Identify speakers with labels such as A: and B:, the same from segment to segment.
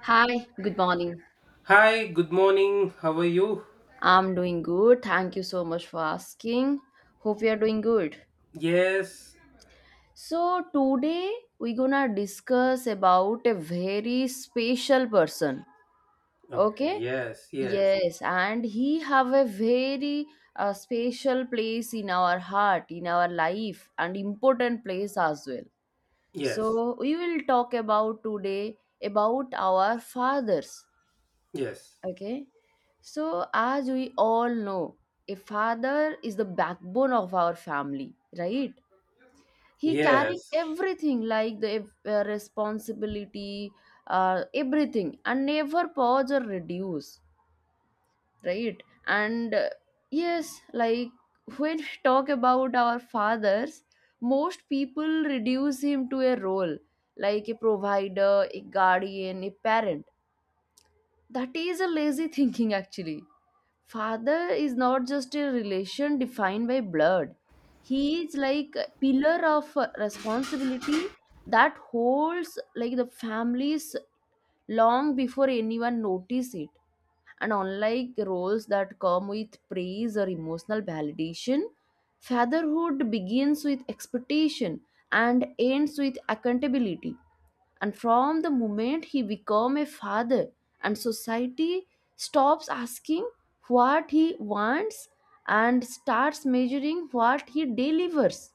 A: Hi, good morning.
B: Hi, good morning. How are you?
A: I'm doing good. Thank you so much for asking. Hope you are doing good.
B: Yes.
A: So, today we're gonna discuss about a very special person.
B: Okay,
A: Okay?
B: yes, yes,
A: Yes, and he have a very special place in our heart, in our life, and important place as well.
B: yes,
A: So, we will talk about today about our fathers.
B: yes,
A: Okay. So, as we all know, a father is the backbone of our family, right? He carrying
B: yes,
A: everything like the responsibility, everything, and never pause or reduce, right? And yes, like when we talk about our fathers, most people reduce him to a role like a provider, a guardian, a parent. That is a lazy thinking. Actually, father is not just a relation defined by blood. He is like a pillar of responsibility that holds like the families long before anyone notice it. And unlike roles that come with praise or emotional validation, fatherhood begins with expectation and ends with accountability. And from the moment he become a father, and society stops asking what he wants and starts measuring what he delivers.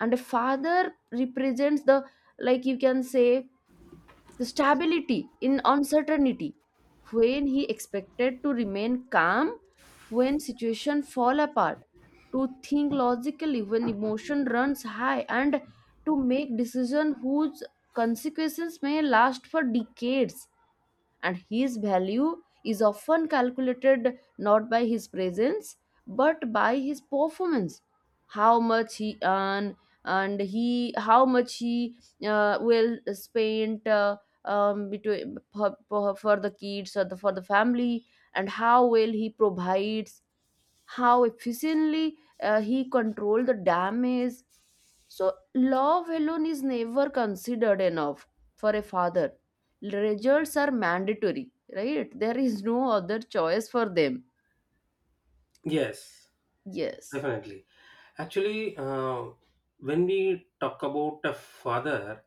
A: And a father represents the, like you can say, the stability in uncertainty, when he expected to remain calm when situation fall apart, to think logically when emotion runs high, and to make decision whose consequences may last for decades. And his value is often calculated not by his presence but by his performance. How much he earn, and he how much he will spend between for the kids, or for the family, and how well he provides, how efficiently he control the damage. So, love alone is never considered enough for a father. Results are mandatory, right? There is no other choice for them.
B: yes,
A: Yes,
B: definitely. Actually, when we talk about a father,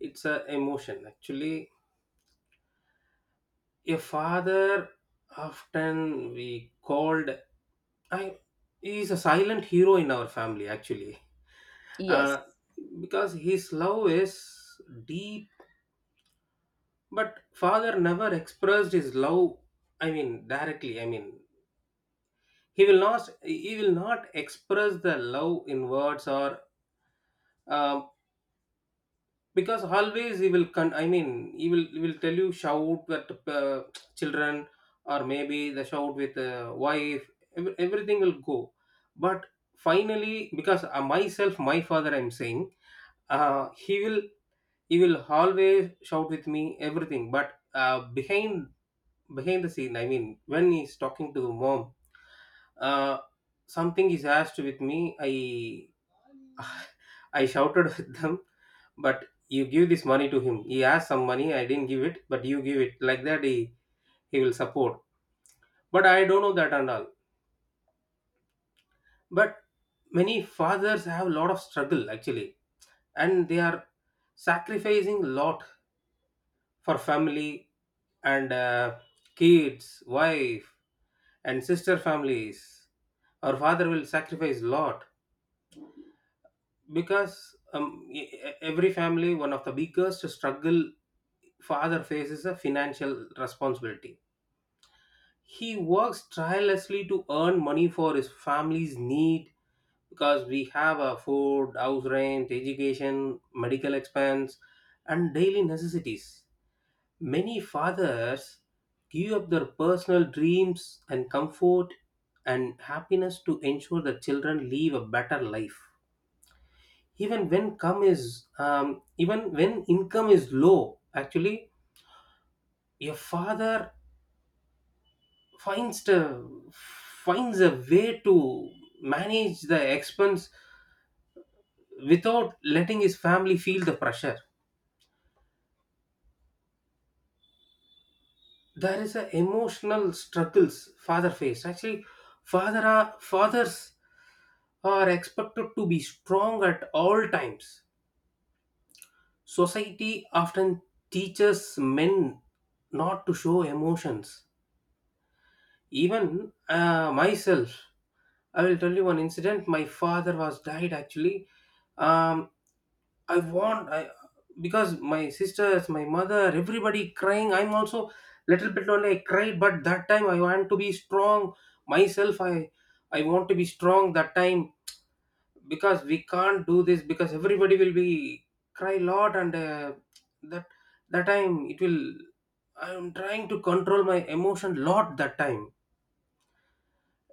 B: it's a emotion. Actually, a father often we called I he is a silent hero in our family actually.
A: yes,
B: Uh, because his love is deep. But father never expressed his love, I mean, directly. I mean, he will not express the love in words or, um, because always he will, I mean, he will tell you shout with children or maybe the shout with wife, everything will go. But finally, because myself, my father, I'm saying, uh, he will he will always shout with me everything, but behind the scene. I mean, when he's talking to mom, uh, something is asked with me, I shouted at them. But you give this money to him, he asked some money, I didn't give it, but you give it like that. He will support, but I don't know that and all. But many fathers have a lot of struggle actually, and they are sacrificing a lot for family and kids, wife, and sister families. Our father will sacrifice lot, because every family, one of the biggest struggle father faces a financial responsibility. He works tirelessly to earn money for his family's need, because we have a food, house rent, education, medical expense, and daily necessities. Many fathers give up their personal dreams and comfort and happiness to ensure the children live a better life. Even when income is low, actually, a father finds a way to manage the expense without letting his family feel the pressure. There is a emotional struggles father face actually. Fathers are expected to be strong at all times. Society often teaches men not to show emotions. Even myself, I will tell you one incident. My father was died actually. um, I want I because my sisters, my mother, everybody crying. I'm also little bit only I cried, but that time I want to be strong myself. I want to be strong that time, because we can't do this, because everybody will be cry lot, and that that time it will. I'm trying to control my emotion lot that time.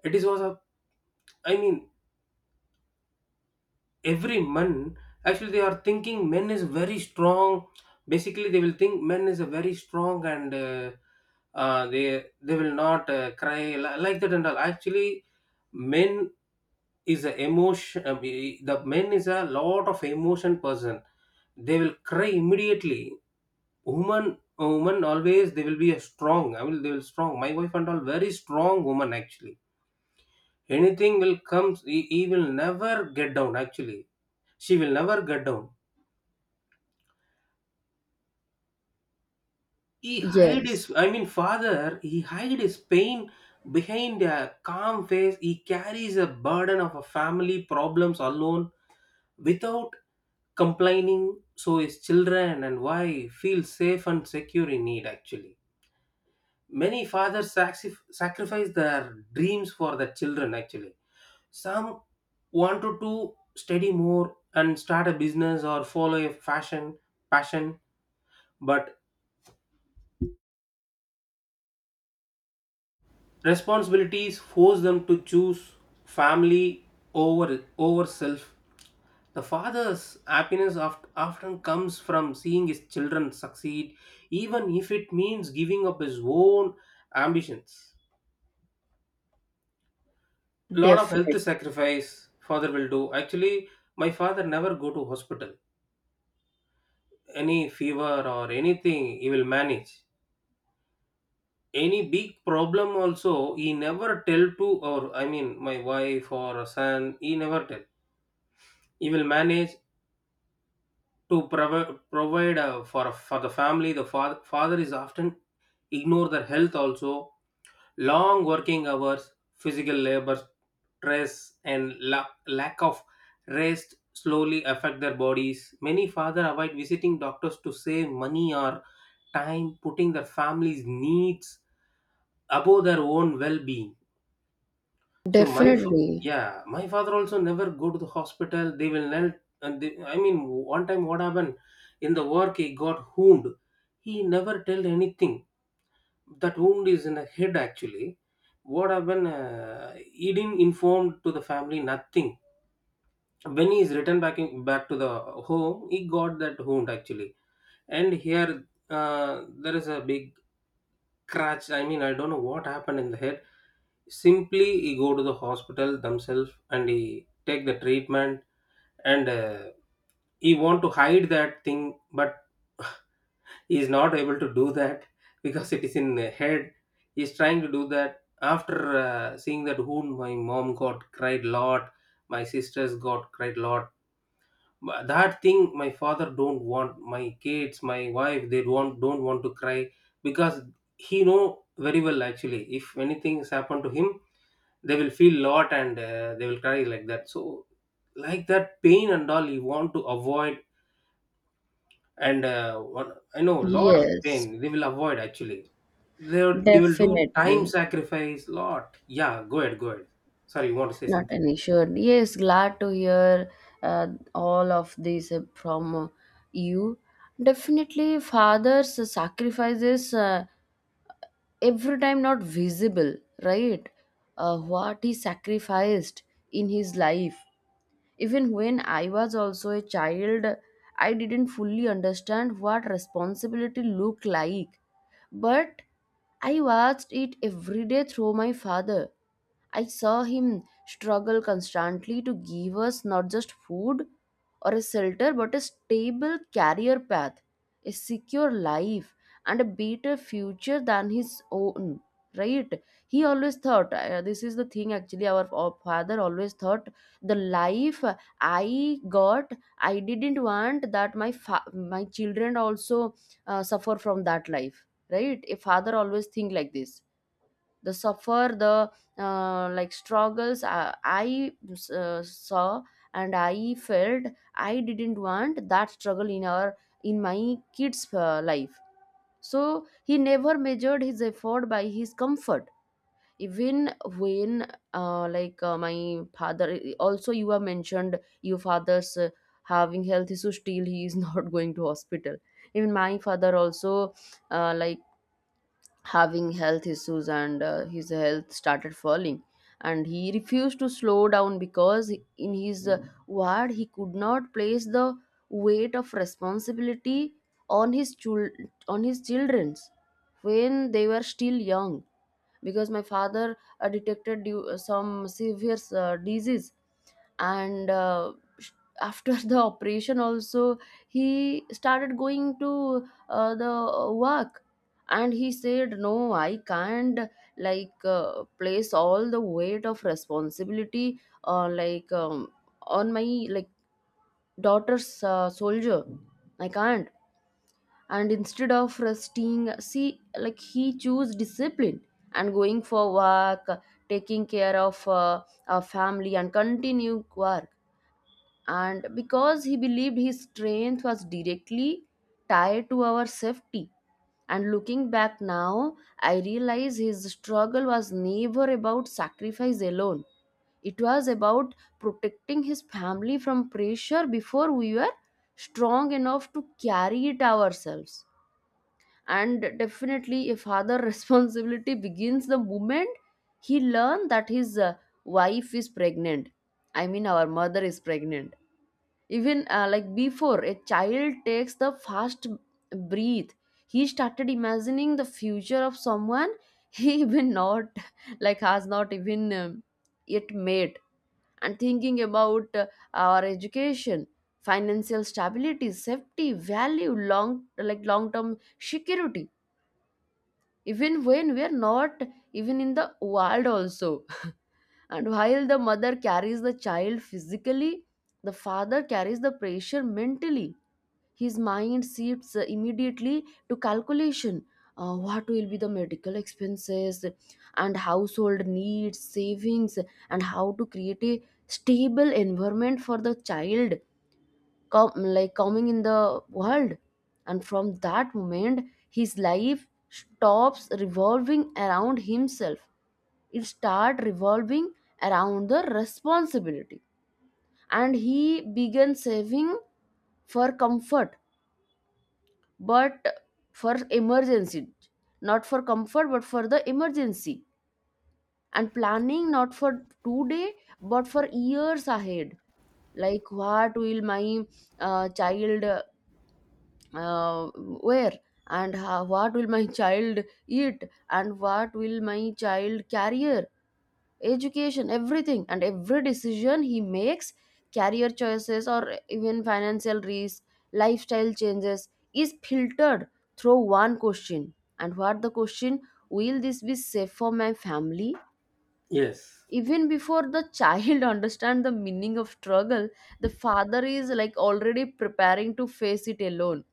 B: It is was a I mean every man actually they are thinking men is very strong. Basically they will think men is a very strong, and they will not cry like that and all. Actually men is a emotion, the men is a lot of emotion person. They will cry immediately. Woman, always they will be a strong. I will They will strong. My wife and all very strong woman actually. Anything will come, he will never get down actually. She will never get down.
A: yes,
B: I mean, father, he hide his pain behind a calm face. He carries a burden of a family problems alone without complaining, so his children and wife feel safe and secure in need actually. Many fathers sacrifice their dreams for their children actually. Some want to do study more and start a business or follow a fashion passion, but responsibilities force them to choose family over self. The father's happiness often comes from seeing his children succeed, even if it means giving up his own ambitions. Lot of
A: definitely,
B: health sacrifice father will do. Actually, my father never go to hospital, any fever or anything he will manage. Any big problem also he never tell to, or I mean my wife or son he never tell. He will manage to provide for the family. The father is often ignore their health also. Long working hours, physical labor, stress, and lack of rest slowly affect their bodies. Many fathers avoid visiting doctors to save money or time, putting their family's needs above their own well-being. So my
A: definitely,
B: yeah, my father also never go to the hospital. They will not. And they, I mean, one time what happened, in the work he got wound. He never tell anything. That wound is in the head actually. What happened, he didn't inform to the family nothing. When he is returned back back to the home, he got that wound actually. And here there is a big scratch, I mean I don't know what happened in the head. Simply he go to the hospital themselves and he take the treatment. And he want to hide that thing, but he is not able to do that because it is in the head. He is trying to do that, after seeing that, who my mom got cried lot, my sisters got cried lot. But that thing my father don't want my kids my wife they don't want to cry, because he know very well actually. If anything has happened to him, they will feel lot and they will cry like that. So like that pain and all you want to avoid, and I know a lot of
A: yes,
B: pain they will avoid actually. They will do time
A: definitely.
B: sacrifice lot. Yeah, go ahead, go ahead. Sorry, you want to say
A: Not
B: something?
A: an issue. Yes, glad to hear uh, all of this from you. Definitely, fathers' sacrifices. Every time not visible, right? What he sacrificed in his life. Even when I was also a child, I didn't fully understand what responsibility looked like, but I watched it every day through my father. I saw him struggle constantly to give us not just food or a shelter, but a stable career path, a secure life, and a better future than his own. Right? He always thought, this is the thing actually, our father always thought the life I got, I didn't want that my children also suffer from that life. Right? A father always think like this. The suffer, the like struggles I saw and I felt, I didn't want that struggle in our in my kids life. So he never measured his effort by his comfort. Even when like my father also, you have mentioned your father's having health issues still he is not going to hospital. Even my father also, like having health issues and his health started falling, and he refused to slow down because in his word, he could not place the weight of responsibility on his chul- on his children's when they were still young. Because my father detected some severe disease, and sh- after the operation also, he started going to the work, and he said no, I can't, like place all the weight of responsibility like on my like daughter's soldier, I can't. And instead of resting, see, like he chose discipline and going for work, taking care of a family and continue work, and because he believed his strength was directly tied to our safety. And looking back now, I realize his struggle was never about sacrifice alone. It was about protecting his family from pressure before we were strong enough to carry it ourselves. And definitely a father responsibility begins the moment he learned that his wife is pregnant, I mean our mother is pregnant. Even like before a child takes the first breath, he started imagining the future of someone he even not, like has not even yet made, and thinking about our education, financial stability, safety, value, long, like long term security, even when we are not even in the world also. And while the mother carries the child physically, the father carries the pressure mentally. His mind shifts immediately to calculation. What will be the medical expenses and household needs, savings, and how to create a stable environment for the child com- like coming in the world. And from that moment, his life stops revolving around himself. It start revolving around the responsibility, and he began saving for comfort, but for emergency, not for comfort but for the emergency, and planning not for today but for years ahead. Like, what will my child where and how, what will my child eat, and what will my child career, education, everything. And every decision he makes, career choices or even financial risk, lifestyle changes, is filtered through one question. And what the question? Will this be safe for my family?
B: Yes,
A: Even before the child understand the meaning of struggle, the father is like already preparing to face it alone.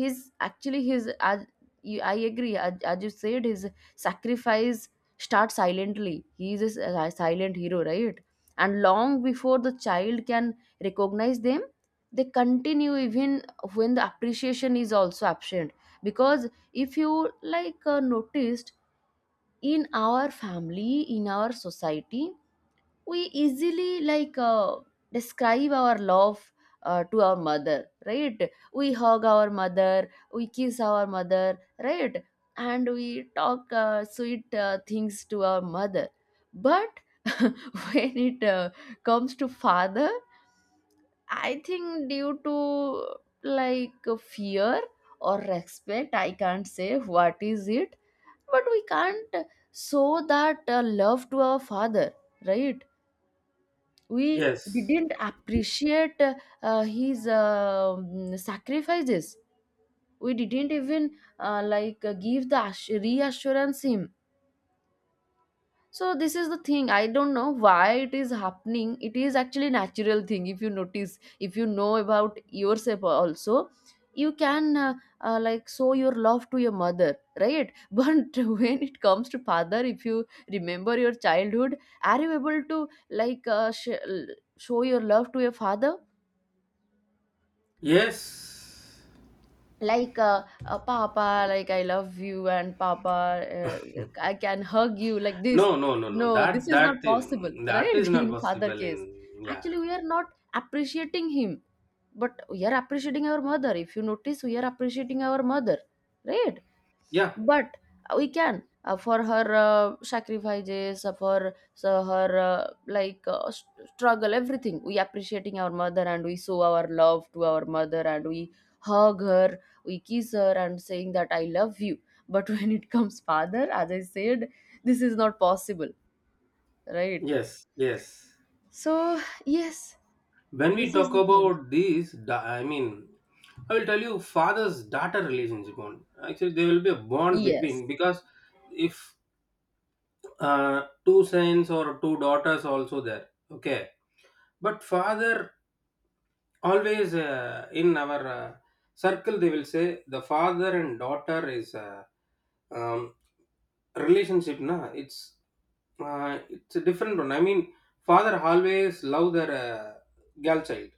A: He's actually his as you- I agree, as you said, his sacrifice starts silently. He is a silent hero, right? And long before the child can recognize them, they continue, even when the appreciation is also absent. Because if you, like noticed in our family, in our society, we easily, like describe our love to our mother, right? We hug our mother, we kiss our mother, right? And we talk sweet things to our mother. But when it comes to father, I think due to like fear or respect, I can't say what is it, but we can't show that love to our father, right? We
B: yes,
A: didn't appreciate his sacrifices, we didn't even like give the reassurance him. So this is the thing, I don't know why it is happening. It is actually natural thing. If you notice, if you know about yourself also, you can like show your love to your mother, right? But when it comes to father, if you remember your childhood, are you able to like show your love to your father,
B: yes.
A: like papa like I love you, and papa I can hug you like
B: No,
A: this?
B: no, no, no.
A: No, this
B: That
A: is not
B: that
A: possible,
B: that
A: right?
B: is not
A: In father
B: possible
A: case,
B: in yeah,
A: actually we are not appreciating him, but we are appreciating our mother. If you notice, we are appreciating our mother, right?
B: yeah,
A: But we can for her sacrifices, for so her like struggle, everything, we appreciating our mother, and we show our love to our mother, and we hug her, we kiss her, and saying that I love you. But when it comes father, as I said, this is not possible, right?
B: yes, yes.
A: So, yes,
B: When we
A: this is
B: talk
A: the thing.
B: about these, I mean, I will tell you father's daughter relationship bond. Actually, there will be a bond
A: Yes,
B: between, because if two sons or two daughters also there, okay, but father always in our circle they will say the father and daughter is um, relationship na, it's a different one. I mean, father always love their girl child.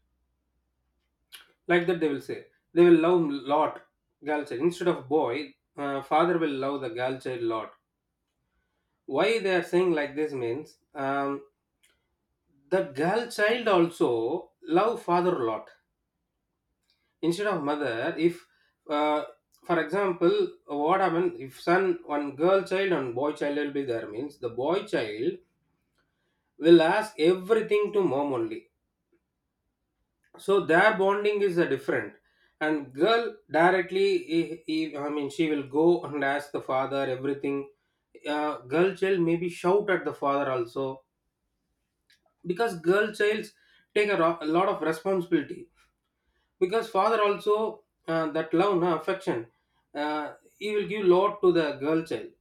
B: Like that they will say they will love lot girl child instead of boy. Father will love the girl child lot. Why they are saying like this means, the girl child also love father a lot instead of mother. If uh, for example, what happen if son one girl child and boy child will be there means, the boy child will ask everything to mom only. So their bonding is different. And girl directly I mean she will go and ask the father everything. Girl child maybe shout at the father also, because girl childs take a, a lot of responsibility, because father also that love na, affection he will give lot to the girl child.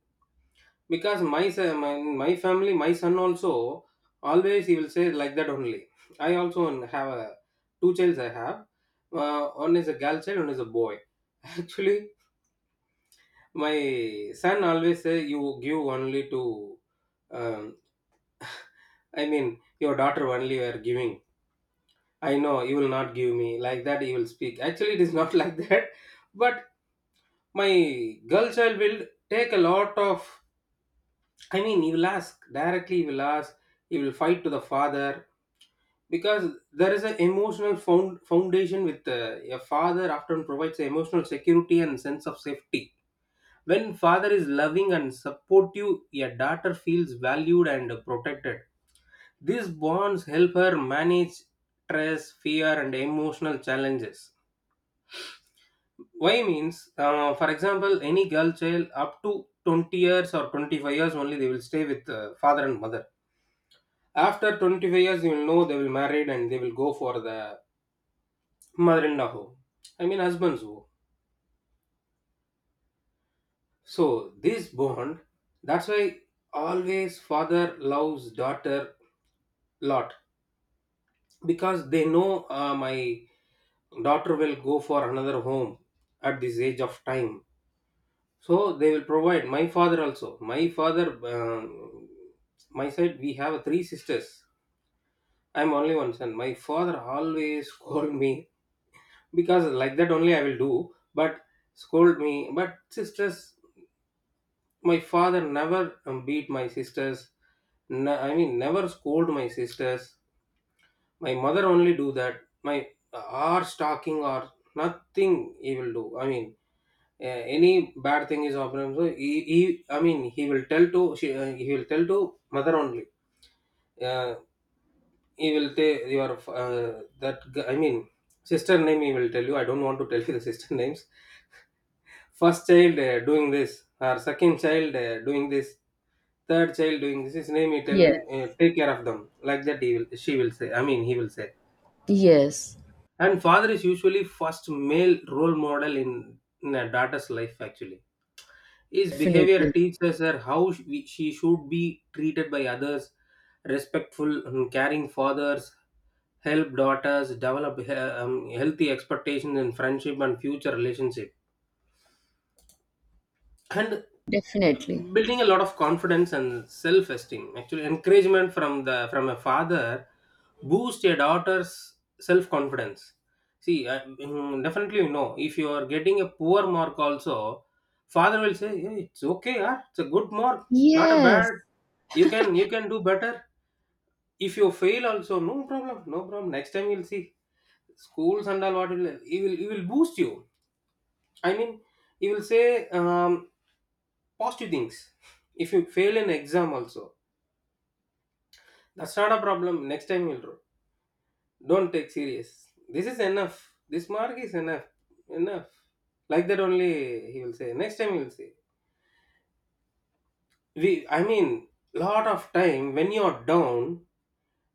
B: Because my family my son also always he will say like that only. I also have a, two childs I have, one is a girl child, one is a boy. Actually my son always say, you give only to, um, I mean, your daughter only you are giving. I know you will not give me like that. You will speak. Actually, it is not like that. But my girl child will take a lot of. I mean, he will ask directly. He will ask. He will fight to the father, because there is an emotional foundation with a father. Often provides emotional security and sense of safety. When father is loving and supportive, a daughter feels valued and protected. These bonds help her manage stress, fear, and emotional challenges. Why means, for example, any girl child up to 20 years or 25 years only they will stay with father and mother. After 25 years, you will know they will married and they will go for the mother-in-law home. I mean, husband's home. So this bond, that's why always father loves daughter lot, because they know, my daughter will go for another home at this age of time. So they will provide. My father also. My father, um, my side, we have 3 sisters. I'm only one son. My father always scold me, because like that only I will do. But scold me. But sisters, my father never beat my sisters. I mean, never scold my sisters. My mother only do that. My our stalking or nothing he will do. I mean, uh, any bad thing is happening. So he I mean, he will tell to he will tell to mother only. Uh, he will tell your that I mean sister name. He will tell you. I don't want to tell you the sister names. First child doing this. Our second child doing this, third child doing this. His name he tell them,
A: yes,
B: take care of them. Like that he will, she will say, I mean he will say.
A: yes,
B: And father is usually first male role model in a daughter's life actually. His behavior
A: definitely,
B: teaches her how she should be treated by others, respectful and caring fathers, help daughters develop healthy expectations in friendship and future relationship, and
A: definitely,
B: building a lot of confidence and self-esteem actually. Encouragement from the from a father boost a daughter's self-confidence. See I, definitely you know, if you are getting a poor mark also, father will say, "Hey, it's okay, yeah, it's a good mark, not a
A: yes,
B: bad, you can do better. If you fail also, no problem, no problem, next time you'll see. Schools and all, what will he will boost you. I mean, he will say, positive things. If you fail an exam also, that's not a problem. Next time you'll do. Don't take serious. This is enough. This mark is enough. Enough." Like that only he will say. Next time he will say. We I mean, lot of time when you are down,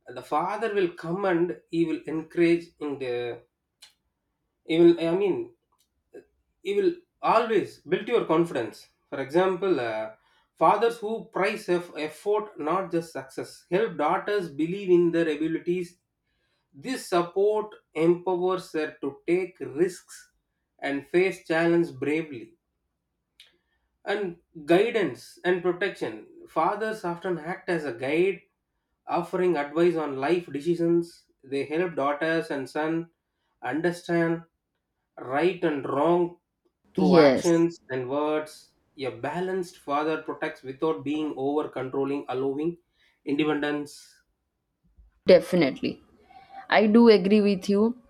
B: the father will come and he will encourage in the, you will I mean, you will always build your confidence. For example, fathers who prize effort, not just success, help daughters believe in their abilities. This support empowers her to take risks and face challenge bravely. And guidance and protection, fathers often act as a guide, offering advice on life decisions. They help daughters and sons understand right and wrong through
A: yes.
B: actions and words. A balanced father protects without being over controlling, allowing independence.
A: Definitely. I do agree with you.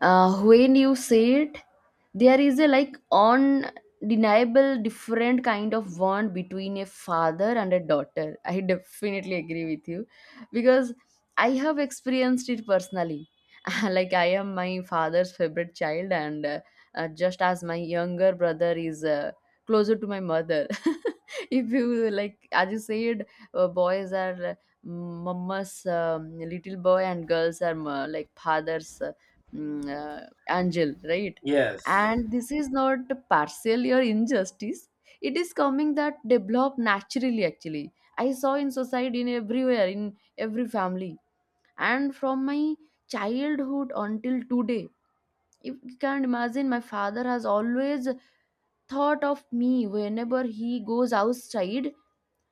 A: When you say it, there is a like undeniable different kind of bond between a father and a daughter. I definitely agree with you because I have experienced it personally. Like, I am my father's favorite child, and just as my younger brother is closer to my mother. If you, like, as you said, boys are mama's little boy, and girls are like father's mm, uh, angel, right?
B: Yes,
A: And this is not partially or injustice. It is coming that develop naturally. Actually, I saw in society, in everywhere, in every family and from my childhood until today if you can't imagine my father has always thought of me whenever he goes outside,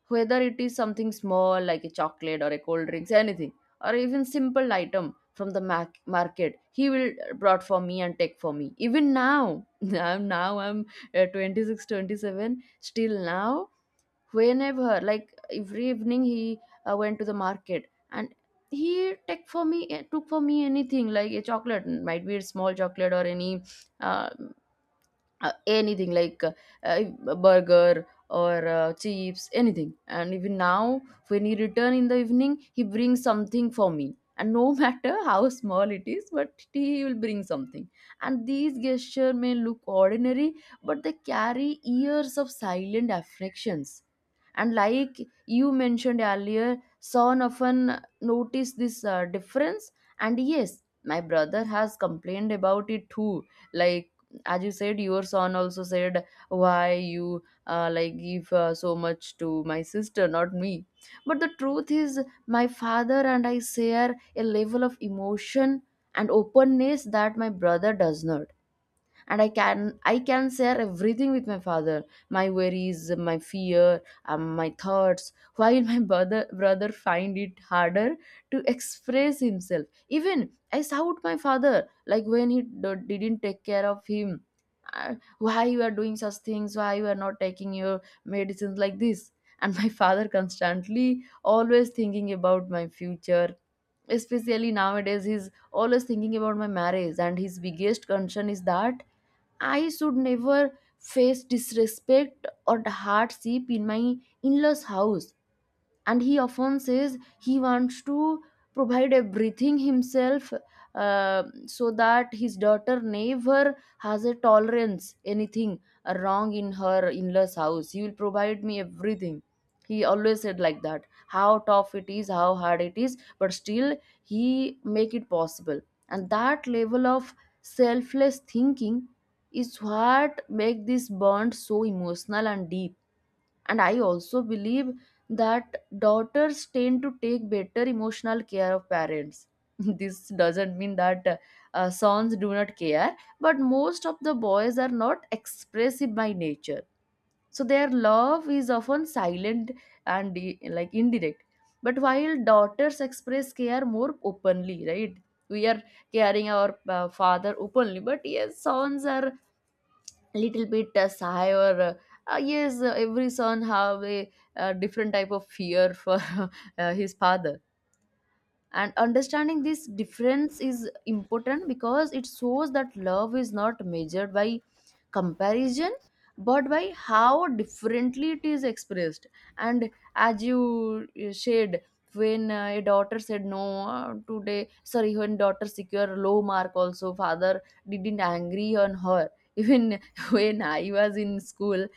A: whether it is something small like a chocolate or a cold drinks anything or even simple item from the market. He will brought for me and take for me even now. I'm 26 27, still now. Whenever like every evening he went to the market and he took for me took for me anything like a chocolate, might be a small chocolate or any uh, anything like uh, a burger or chips, anything. And even now, when he return in the evening, he brings something for me, and no matter how small it is, but he will bring something. And these gestures may look ordinary, but they carry years of silent affections. And like you mentioned earlier, son often noticed this difference, and yes, my brother has complained about it too. Like, as you said, your son also said, why you like give so much to my sister, not me? But the truth is, my father and I share a level of emotion and openness that my brother does not. And I can share everything with my father, my worries, my fear, my thoughts, while my brother find it harder to express himself. Even I shout my father like when he didn't take care of him. Why you are doing such things? Why you are not taking your medicines, like this? And my father constantly always thinking about my future, especially nowadays. He's always thinking about my marriage, and his biggest concern is that I should never face disrespect or hardship in my in-laws' house. And he often says he wants to provide everything himself, so that his daughter never has a tolerance anything wrong in her in-laws house. He will provide me everything. He always said like that, how tough it is, how hard it is, but still he make it possible. And that level of selfless thinking is what make this bond so emotional and deep. And I also believe that daughters tend to take better emotional care of parents. This doesn't mean that sons do not care, but most of the boys are not expressive by nature, so their love is often silent and like indirect. But while daughters express care more openly, right, we are caring our father openly. But yes, sons are little bit sigh or yes, every son have a different type of fear for his father. And understanding this difference is important because it shows that love is not measured by comparison, but by how differently it is expressed. And as you said, when a daughter said no today, sorry, when daughter secure low mark also father didn't angry on her. Even when I was in school,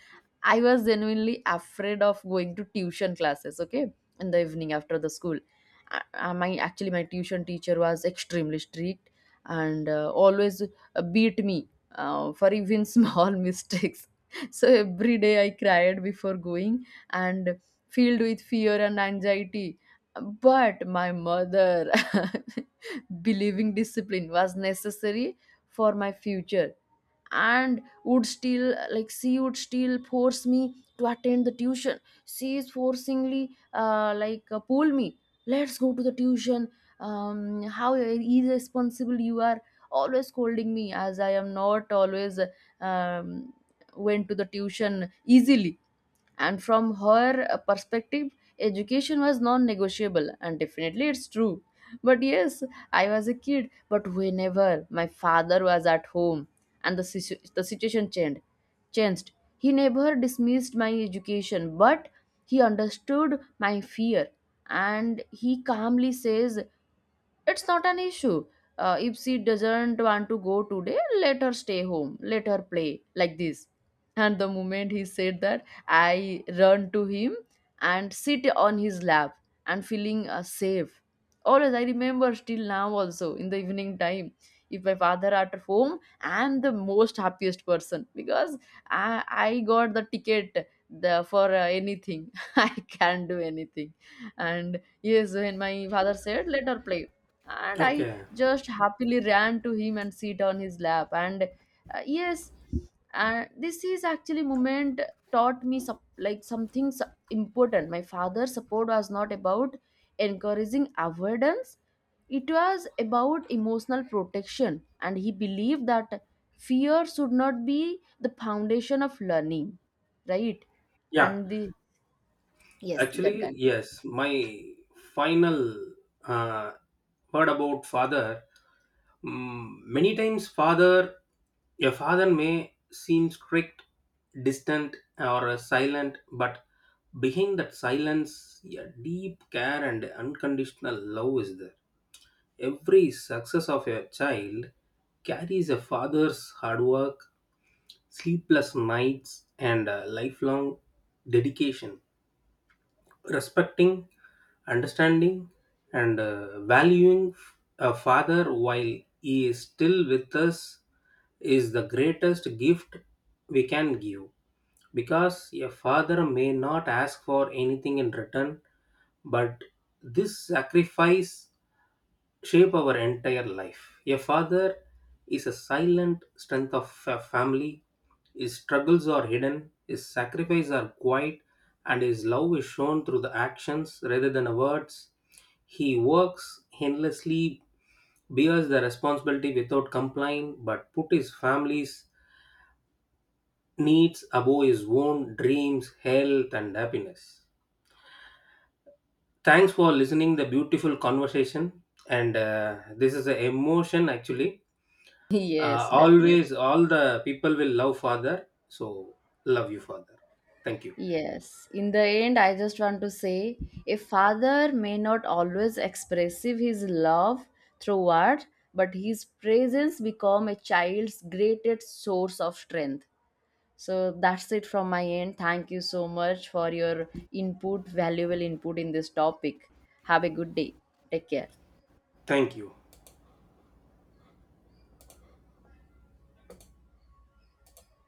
A: I was genuinely afraid of going to tuition classes, okay, in the evening after the school. My actually my tuition teacher was extremely strict and always beat me for even small mistakes. So every day I cried before going and filled with fear and anxiety. But my mother, believing discipline was necessary for my future, and would still, like, she would still force me to attend the tuition. She is forcingly like pull me, let's go to the tuition. How irresponsible you are, always scolding me as I am not always um, went to the tuition easily. And from her perspective, education was non-negotiable, and definitely it's true. But yes, I was a kid, but whenever my father was at home and the situation changed. He never dismissed my education, but he understood my fear, and he calmly says, it's not an issue, if she doesn't want to go today, let her stay home, let her play, like this. And the moment he said that, I run to him and sit on his lap and feeling safe. Always, I remember still now also, in the evening time, if my father at home, I'm the most happiest person because I got the ticket for anything. I can do anything. And yes, when my father said let her play, and I
B: okay,
A: just happily ran to him and sit on his lap and yes. And this is actually moment taught me like something important. My father's support was not about encouraging avoidance, it was about emotional protection, and he believed that fear should not be the foundation of learning, right?
B: yeah,
A: And the, yes, you
B: actually,
A: can continue.
B: yes, my final uh, word about father. Mm, many times father A father may seem strict, distant, or silent, but behind that silence, a deep care and unconditional love is there. Every success of a child carries a father's hard work, sleepless nights, and lifelong dedication. Respecting, understanding, and valuing a father while he is still with us is the greatest gift we can give. Because a father may not ask for anything in return, but this sacrifice shape our entire life. A father is a silent strength of a family. His struggles are hidden, his sacrifices are quiet, and his love is shown through the actions rather than the words. He works endlessly, bears the responsibility without complaint, but put his family's needs above his own dreams, health, and happiness. Thanks for listening the beautiful conversation, and this is an emotion actually.
A: Yes, definitely.
B: Always all the people will love father. So love you father. Thank you.
A: Yes, in the end, I just want to say, a father may not always expressive his love through word, but his presence become a child's greatest source of strength. So that's it from my end. Thank you so much for your input, valuable input in this topic. Have a good day. Take care.
B: Thank you.